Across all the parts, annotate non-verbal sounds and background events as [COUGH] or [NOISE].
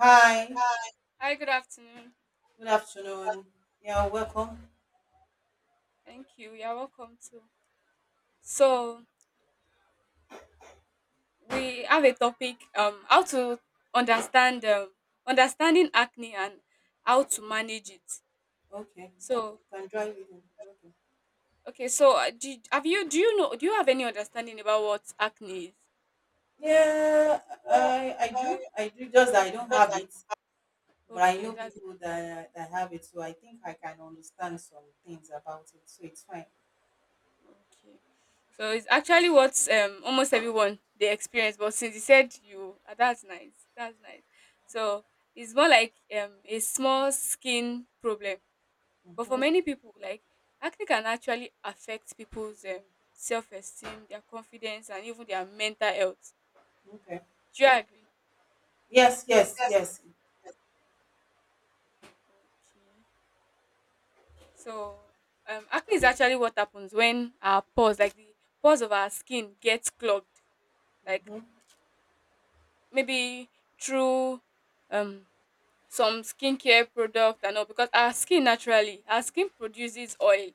Hi, Hi, good afternoon. good afternoon. Yeah, welcome. Thank you. You're welcome too. So we have a topic how to understand understanding acne and how to manage it. Okay, So can drive it in. Okay. okay, so have you do you have any understanding about what acne Yeah, is? I do. I do just that I don't have it, but I Okay, know that's people that have it, so I think I can understand some things about it. So it's fine. okay. So it's actually what almost everyone they experience, but since you said you, that's nice. That's nice. So it's more like a small skin problem. But for Mm-hmm. many people, like acne can actually affect people's self esteem, their confidence, and even their mental health. Okay. Do you agree? Yes, yes, Yes. yes. Okay. So acne is actually what happens when our pores, like the pores of our skin, gets clogged. Like Mm-hmm. maybe through um some skincare product and all, because our skin naturally our skin produces oil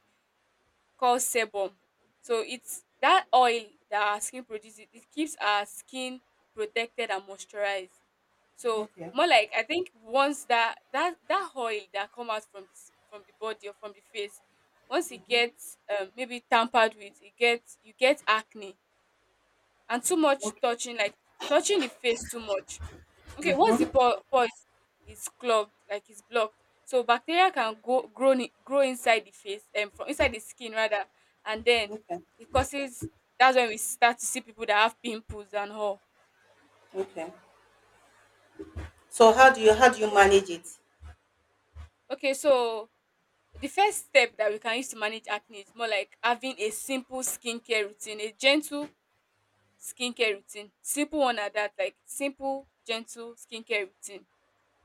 called sebum. So it's that oil that our skin produces, it keeps our skin protected and moisturized. So Okay. more like I think once that oil that come out from this from the body or from the face, once it Mm-hmm. gets maybe tampered with, it gets you get acne, and too much Okay. touching like touching the face too much. Okay, once the Mhm. pore pulse is clogged, like it's blocked, so bacteria can go grow grow inside the face and from inside the skin rather, and then Okay. it causes. That's when we start to see people that have pimples and all. Okay. Yeah. So how do you manage it? Okay, so the first step that we can use to manage acne is more like having a simple skincare routine, a gentle skincare routine, simple one at that, like simple gentle skincare routine.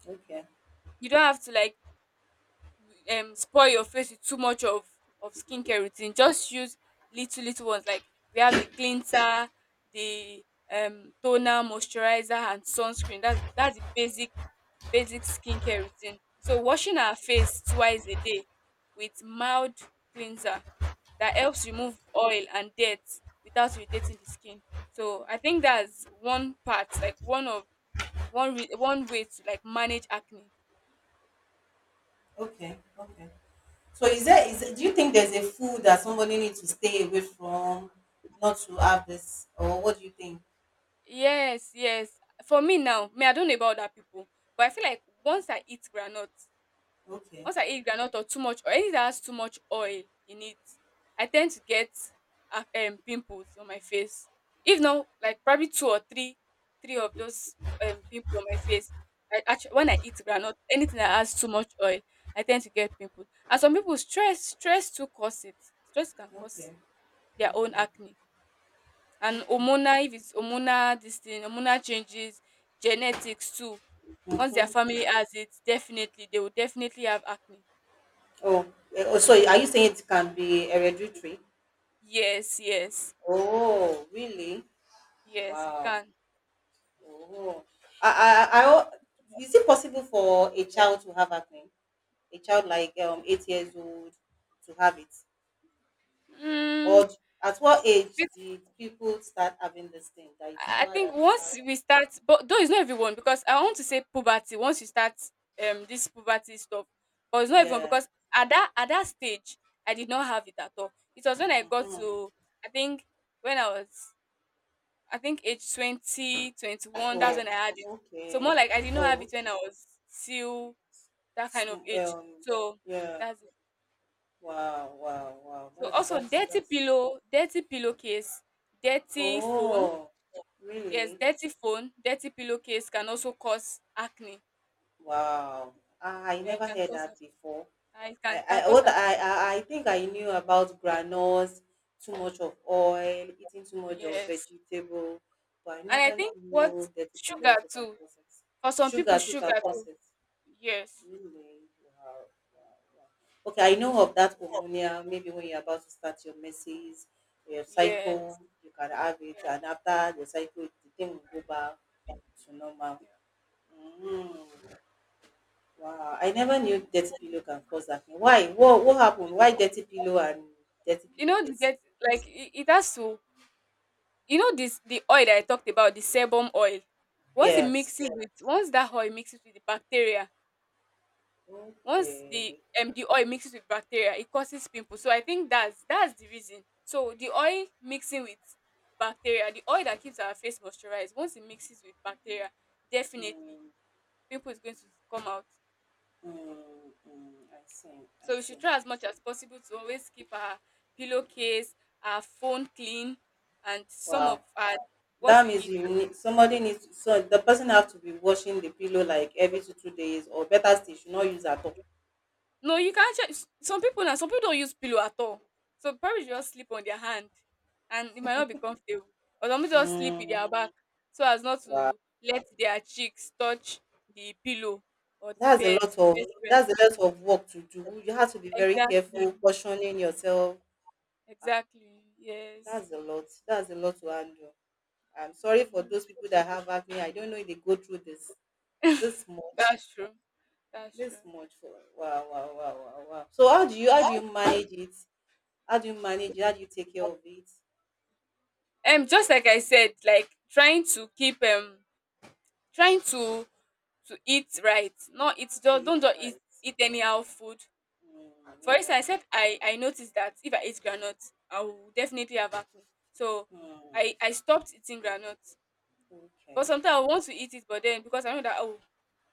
Okay. You don't have to like spoil your face with too much of skincare routine. Just use little little ones like we have the cleanser, the toner, moisturizer, and sunscreen. That's the basic skincare routine. So washing our face twice a day with mild cleanser that helps remove oil and dirt without irritating the skin. So I think that's one part, like one of one re- one way to like manage acne. Okay. Okay. So is there Yeah. is do you think there's a food that somebody needs to stay away from, not to have this, or what do you think? Yes, yes. For me now, me, I don't know about other people, but I feel like once I eat groundnut, Okay, once I eat groundnut or too much or anything that has too much oil in it, I tend to get pimples on my face. If not, like probably two or three, three of those pimples on my face. I actually when I eat groundnut, anything that has too much oil, I tend to get pimples. And some people stress, stress too cause it. Stress can cause okay, their own okay, acne, and okay. hormonal if it's hormonal this thing hormonal changes, genetics too. Once their hmm family has it, definitely they will definitely have acne. Oh, oh, so are you saying it can be hereditary? Yes, yes, Oh, really? yes it Wow. can. Oh, I, I, I, al- is it possible for a child to have acne? A child like 8 years old to have it, Mm, or d- at what age it- did people start having this thing that you I discover think that you have? once we start, but though it's not everyone, because I want to say puberty, once you start this puberty stuff, but it's not everyone Yeah. because at that stage I did not have it at all. It was when I got to Mhm. I think when I was I think age 20, 21. That's Oh, when I had it. So more okay. like I did not Oh, have it when I okay. was still that kind of Sm- age. Um, So yeah. that's it. Wow, wow, wow. So That's also that's dirty that's. pillow, dirty pillowcase, dirty phone. Oh, Yes, really? dirty phone, dirty pillowcase can also cause acne. Wow. I Yeah, it never can heard cause that before. acne. It can, I it can I cause what I, acne. I I think I knew about granules, too much of oil, eating too much of Yes. vegetable, but I And I never think what knew that it will sugar also can too. cause it. For some people, Sugar too sugar can cause too. it. Yes. Really? Wow, wow, wow. Okay, I know of that hormonal. Maybe when you're about to start your menses, your cycle, Yes. you can have it, Yeah. and after the cycle, the thing will go back to normal. Yeah. Mm, wow, I never knew dirty pillow can cause that thing. Why? What? What happened? Why dirty pillow and dirty You know, the pillowcase? get like it has to you know this the oil that I talked about, the sebum oil. Once it Yes. mixes with once that oil mixes with the bacteria, once Okay. The oil mixes with bacteria, it causes pimples. So I think that's the reason. So the oil mixing with bacteria, the oil that keeps our face moisturized, once it mixes with bacteria, definitely Mm, pimple is going to come out. I see. I So we should see. try as much as possible to always keep our pillowcase, our phone clean, and some of Wow. our what That we means eat. you need somebody needs so the person have to be washing the pillow like every two days or better still should not use at all. No, you can't. Check. Some people now, some people don't use pillow at all. So probably just sleep on their hand, and it might not be comfortable. Or some people just sleep with Mm, their back, so as not wow. to let their cheeks touch the pillow or the That's a bed. lot Bed, of bed. that's a lot of work to do. You have to be very Exactly. careful, cautioning yourself. Exactly. Yes. That's a lot. That's a lot to handle. I'm sorry for Hmm. those people that have acne. I don't know if they go through this much. That's true. That's This true. much for wow, wow, wow, wow, wow. So how do you manage it? How do you manage it? How do you take care of it Just like I said, like trying to keep trying to eat right. Not eat. to Just don't eat just eat right? eat anyhow food. Mm, For yeah. instance, if I noticed that if I eat groundnut, I will definitely have acne. So Mm, I stopped eating groundnut. But okay. sometimes I want to eat it, but then because I know that oh,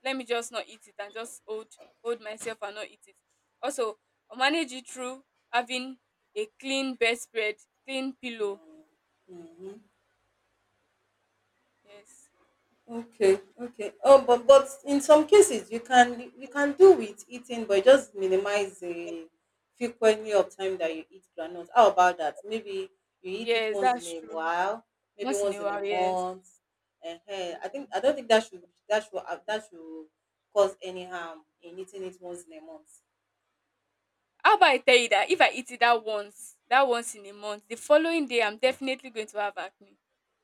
let me just not eat it and just hold myself and not eat it. Also, I manage it through having a clean bedspread, clean pillow. Mm-hmm. Yes, Okay. Okay. Oh, but in some cases you can do with eating, but just minimize the frequency of time that you eat granules. How about that? Maybe you eat it yes, once in that's a true. while, maybe Once in once a in a while, yes. month. Yeah. I don't think that should cause any harm in eating it once in a month. How about I tell you that if I eat it that once in a month, the following day I'm definitely going to have acne.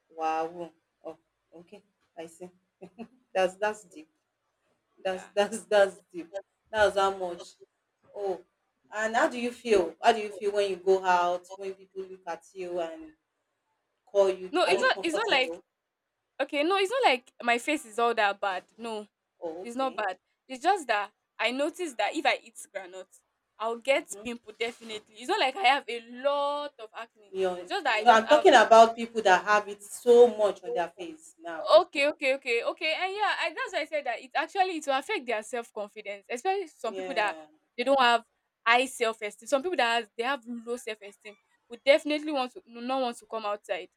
Wow. Oh, okay. I see. That's deep. Yeah. That's [LAUGHS] that's deep. That's how much Oh, and how do you feel? How do you feel when you go out, when people look at you and call you? No, Are it's you not. It's not like comfortable? okay. No, it's not like my face is all that bad. No, Oh, it's not okay. bad. It's just that I noticed that if I eat granite, I'll get Mm-hmm. pimple definitely. It's not like I have a lot of acne. It's You're, just that I no, just I'm have talking about people that have it so much on their face now. okay, okay, okay, okay, and yeah, I, that's why I said that it actually it will affect their self confidence, especially some people that Yeah. they don't have high self esteem. Some people that has, they have low self esteem would definitely want to not want to come outside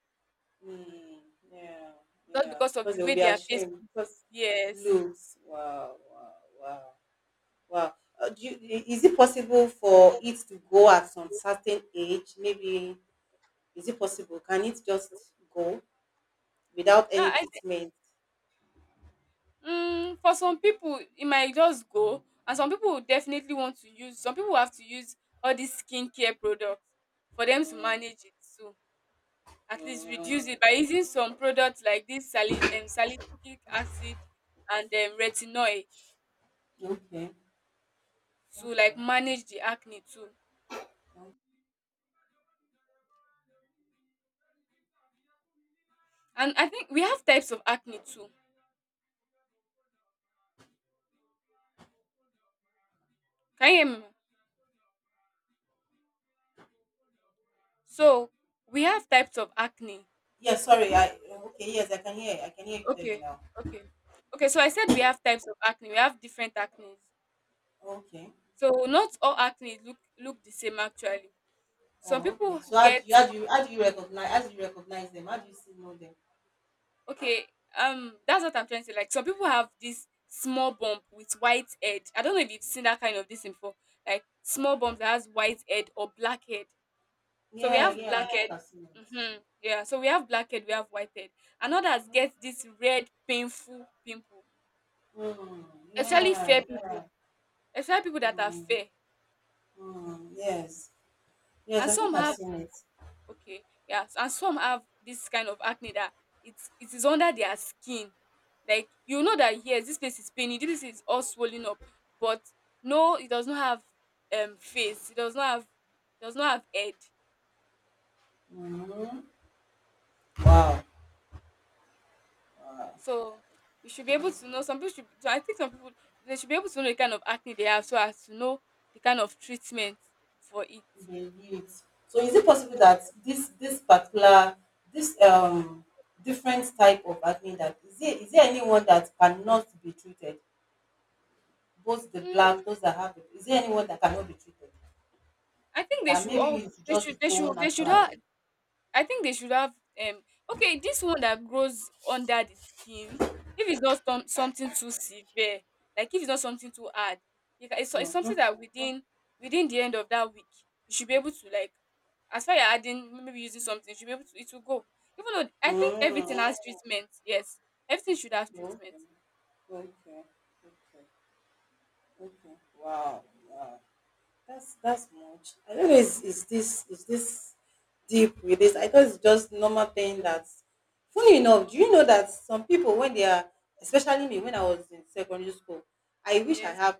Mm, yeah. just Yeah. because of Because the they will way be their face. ashamed. Because Yes. looks. Wow. Wow. Wow. Wow. Is it possible for it to go at some certain age? Maybe is it possible? Can it just go without Yeah, any I treatment? Mm, for some people, it might just go, and some people will definitely want to use. Some people have to use all these skincare products for them to Mm, manage it too. At least reduce mm, it by using some products like this salicylic acid and retinoid okay, to like okay. manage the acne too. And I think we have types of acne too. Can you hear me? So we have types of acne. Yes, sorry. I okay. Yes, I can hear. I can hear you clearly Okay, now. okay, okay. So I said we have types of acne. We have different acne. Okay. So not all acne look the same actually. Some Oh, okay. people So get how do you recognize them? How do you see know them? okay, that's what I'm trying to say. Like some people have this small bump with white head. I don't know if you've seen that kind of this before. Like small bump that has white head or black head. So we Yeah, have yeah. I black think head. I've seen it. Mm-hmm. Yeah, so we have black head, we have white head. And others get this red painful pimple. Mm, Especially yeah, fair people, yeah. especially people that are Mm, fair. Yes, yes. And I some think I've have seen it. okay. Yeah. And some have this kind of acne that it's it is under their skin. Like you know that yes, this place is paining, this place is all swollen up, but no, it does not have face, it does not have head. Mm, wow. Yeah. Wow. So we should be able to know some people should so I think some people they should be able to know the kind of acne they have so as to know the kind of treatment for it. They read. So is it possible that this particular this different type of acne that is there anyone that cannot be treated? Both the Mm, black, those that have it, is there anyone that cannot be treated? I think they That should maybe all you should just go they should have naturally. I think they should have okay, this one that grows under the skin, if it's not some, something too severe, like if it's not something too hard, it's Mm-hmm. something that within the end of that week, you should be able to like as far you're adding maybe using something, you should be able to it will go. Even though I think everything Mm. has treatment, yes. Everything should have Okay. treatment. Okay. Okay. Okay. Wow. Wow. That's much. I don't know. Is this deep with this? I thought it's just normal thing. That's funny Ah, enough. no, Do you know that some people when they are, especially me, when I was in secondary school, I wish I yes. have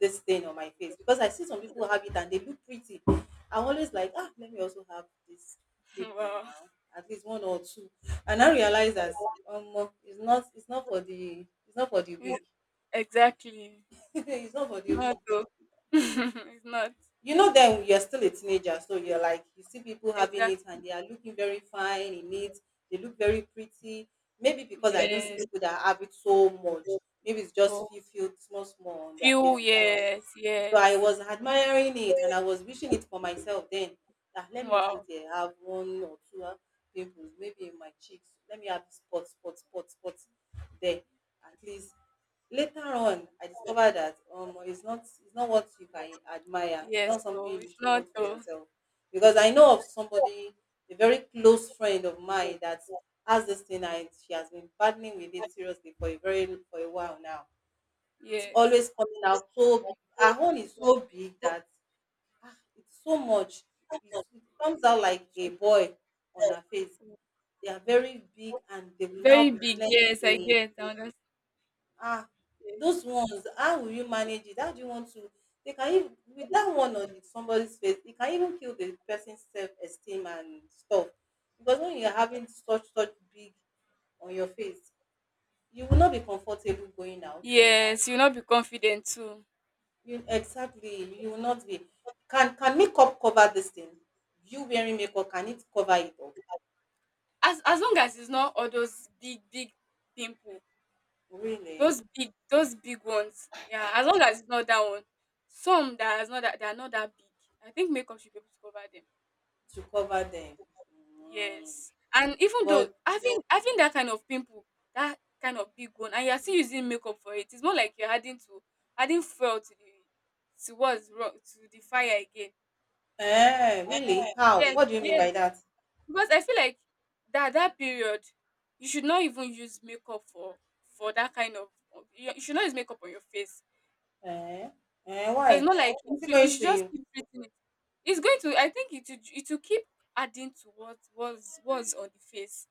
this thing on my face because I see some people have it and they look pretty. I'm always like, let me also have these [LAUGHS] people Wow. now, at least one or two. And I realize that it's not for the It's- weak. Exactly. [LAUGHS] It's not for the Not weak. though. [LAUGHS] It's not. You know, then you're still a teenager, so you're like you see people having it Exactly. and they are looking very fine in it. They look very pretty. Maybe because I don't see people that have it so much. Maybe it's Yeah. [LAUGHS] just few small small on their Few faces, so years, I yes. was admiring it and I was wishing it for myself then. That let me also Wow. there have one or two pimples, maybe in my cheeks. Let me have spots, spots, spots, spots there. At least later on, I discovered that it's not what you can admire. It's Yes, not something so you it's should not want for though. yourself. Because I know of somebody, a very close friend of mine that has this thing, and she has been battling with it seriously for a while now. It's Yes. always coming out so big. Her own is so big that it's so much. It comes out like a boy on her face. They are very big and they will now Very be big, yes, I plenty. get, I understand. Ah, those ones, how will you manage it? How do you want to? They can even, with that one on somebody's face, it can even kill the person's self esteem and stuff. Because when you're having such, such big on your face, you will not be comfortable going out. Yes, you'll not be confident too. You exactly, you will not be. Can makeup cover this thing? You wearing makeup, can it cover it up? As long as it's not all those big, big pimple, Really? Those big ones. Yeah, as long as it's not that one. Some that is not that they are not that big. I think makeup should be able to cover them. To cover them. Mm. Yes. And even though But having that kind of pimple, that kind of big one, and you're still using makeup for it, it's more like you're adding to adding fuel to the to what's wrong to the fire again. Really? How? Yes, What do you mean yes. by that? Because I feel like that period, you should not even use makeup for that kind of you you should not use makeup on your face. Eh? Eh, So it's why? not like Is it you going should to just you? keep treating it. It's going to I think it will keep adding to what was on the face.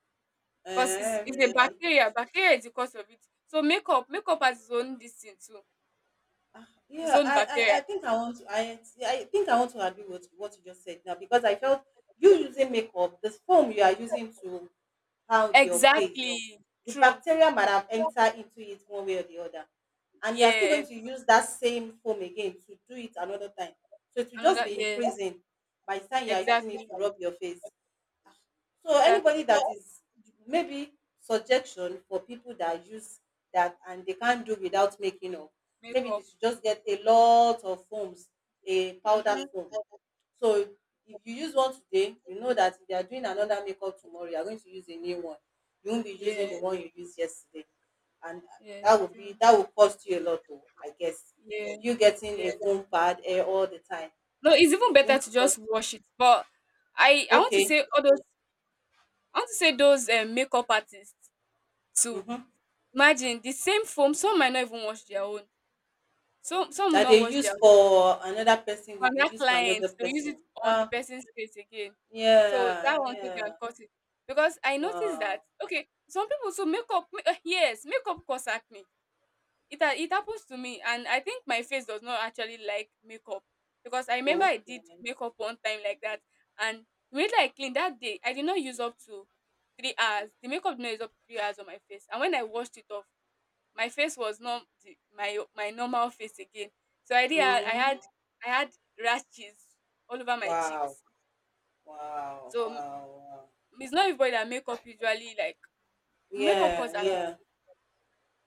'Cause it's Eh, it's a really? bacteria, is the cause of it. So makeup has its own this thing too, its Yeah, own bacteria. I think I want to I think I want to agree with what you just said now because I felt you using makeup, this foam you are using to pound your face. Exactly, The true. bacteria might have entered into it one way or the other. And you are still going Yes, to use that same foam again to do it another time. So it will just another be yes, increasing by the time you are using it exactly, to rub your face. So exactly. anybody that is maybe suggestion for people that use that and they can't do without making up. Maybe they Makeup. should just get a lot of foams, a powdered Mhm. foam, so if you use one today, you know that if you are doing another makeup tomorrow, you are going to use a new one. You won't be using the one Yes, you used yesterday. And yes, that would be true. that would cost you a lot though, I guess. You Yes, getting a yes. foam pad all the time. No, it's even It's better going to to just cost. wash it, but I want to Okay. say all those I want to say those, makeup artists too. Mm-hmm. Imagine the same foam, some might not even wash their own. Some will That not they wash their use for another person for will be another used for client another to use it person. on the person's face again. So Yeah, that one too can yeah. cause it. Because I noticed that, Wow. okay, some people so makeup ma- eh, yes, makeup cause acne. It happens to me, and I think my face does not actually like makeup because I remember I did Okay. makeup one time like that, and immediately I cleaned that day, I did not use up to 3 hours. The makeup did not use up to 3 hours on my face, and when I washed it off, my face was not the, my normal face again. So I Hmm. had I had rashes all over my Wow. cheeks. Wow. So m- Wow. Wow. it's not everybody that makeup usually like makeup cause Yeah, acne. yeah.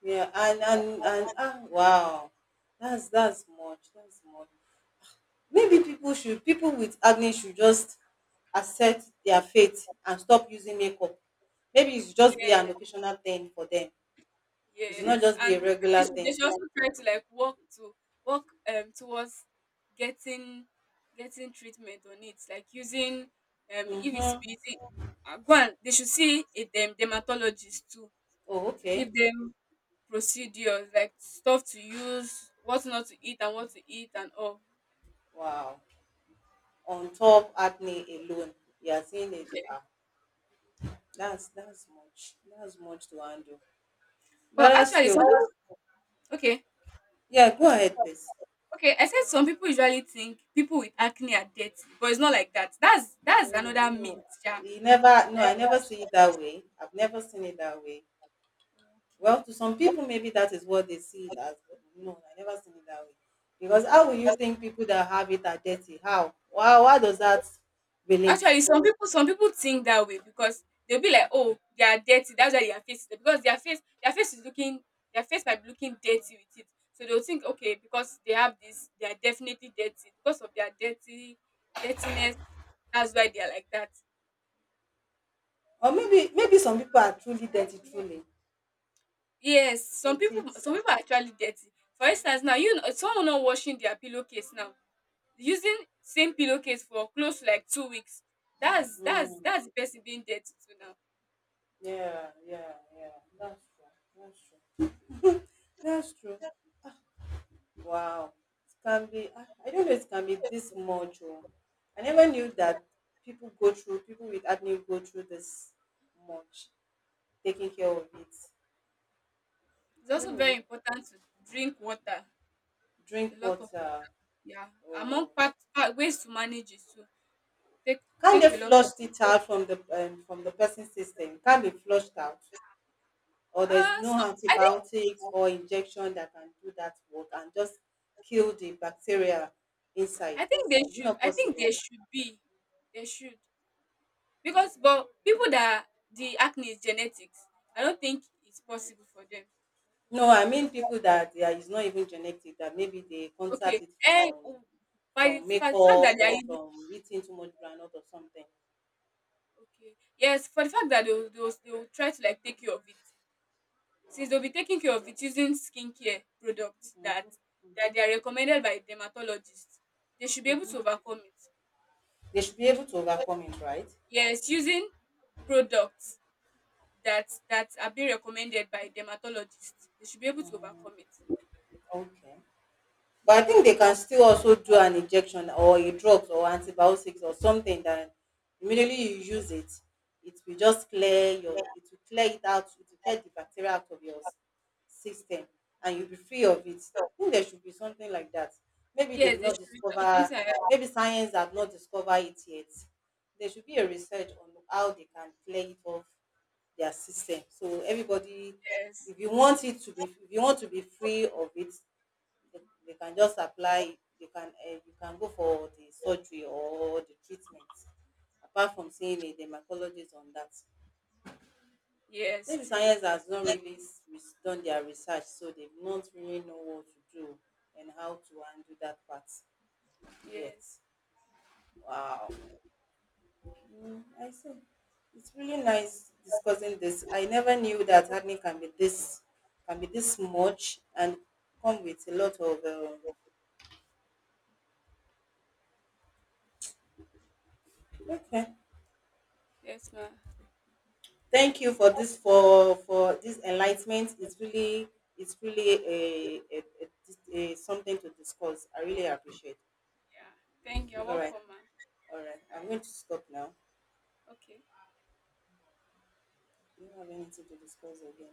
Yeah, wow, that's much. That's much. Maybe Yeah. People with acne should just accept their fate and stop using makeup. Maybe it should just be an occasional thing for them. Yeah, It should not yes, just be and a regular they thing. should also try to, like, work to work towards getting getting treatment on it, like using if it's to Mm-hmm. be using go and they should see a dem dermatologist too Oh, to okay. give them procedures like stuff to use, what not to eat and what to eat and all. Wow. On top acne alone, you are seeing it. Ah, that's much. That's much to handle. But Let us actually, see. Okay, Yeah, go ahead, please. okay. I said some people usually think people with acne are dirty, but it's not like that. That's No, another myth, no, yeah. you never. No, I never see it that way. I've never seen it that way. Well, Okay. to some people, maybe that is what they see it as. But no, I never seen it that way. Because how will you think people that have it are dirty? How? Why? Why does that relate? Actually, some people think that way because they'll be like, oh, they are dirty. That's why their face is because their face is looking their face might be looking dirty with it. So they'll think, okay, because they have this, they are definitely dirty because of their dirty dirtiness. That's why they are like that. Or maybe some people are truly dirty, truly. Yes, some It's it. people some people are actually dirty. For instance, now you know someone not washing their pillowcase now, using same pillowcase for close to like 2 weeks. That's that's Mm, that's the person being dirty too now. yeah, yeah, yeah. That's true. That's true. That's true. Wow. It can be, I don't know it can be this much. Oh. I never knew that people with acne go through this much, taking care of it. It's I also don't very know. important to drink water. A Drink lot of water yeah. Among or part ways to manage it too. Take can take they a lot flush of it out from the person's system? Can be flushed out, or there's no so I think antibiotics or injection that can do that work and just kill the bacteria inside. I think they It's should not I think possible. they should be. They should. Because but people that the acne is genetics, I don't think it's possible for them. No, I mean people that they are it's not even genetic, that maybe they Okay, contact it and w from by the from fa fact makeup that they are or using from eating too much groundnut or something. okay, yes, for the fact that they will they will try to, like, take care of it. Since they'll be taking care of it using skincare products that they are recommended by dermatologists, they should be able to overcome it. They should be able to overcome it, right? Yes, using products that are being recommended by dermatologists, they should be able to overcome it. Okay. But I think they can still also do an injection or a drugs or antibiotics or something that immediately you use it, it will just clear your it will clear it out, it will clear the bacteria out of your system, and you'll be free of it. I think there should be something like that. Maybe they've Yes, they not should discovered. something like that. Maybe science have not discovered it yet. There should be a research on how they can clear it off their system. So everybody, Yes. if you want it to be if you want to be free of it, they, they can just apply you can go for the surgery or the treatment apart from seeing a dermatologist on that. Yes, Maybe true. science has not really done their research, so they don't really know what to do and how to handle that part yet. Yes. Wow. I see. It's really nice discussing this. I never knew that acne can be this much and come with a lot of okay. Yes, ma'am. Thank you for this enlightenment. It's really a something to discuss. I really appreciate. Yeah. Thank you. You're All right, welcome, man. all right. All I'm right. going to stop now. Okay. Do you have anything to discuss again?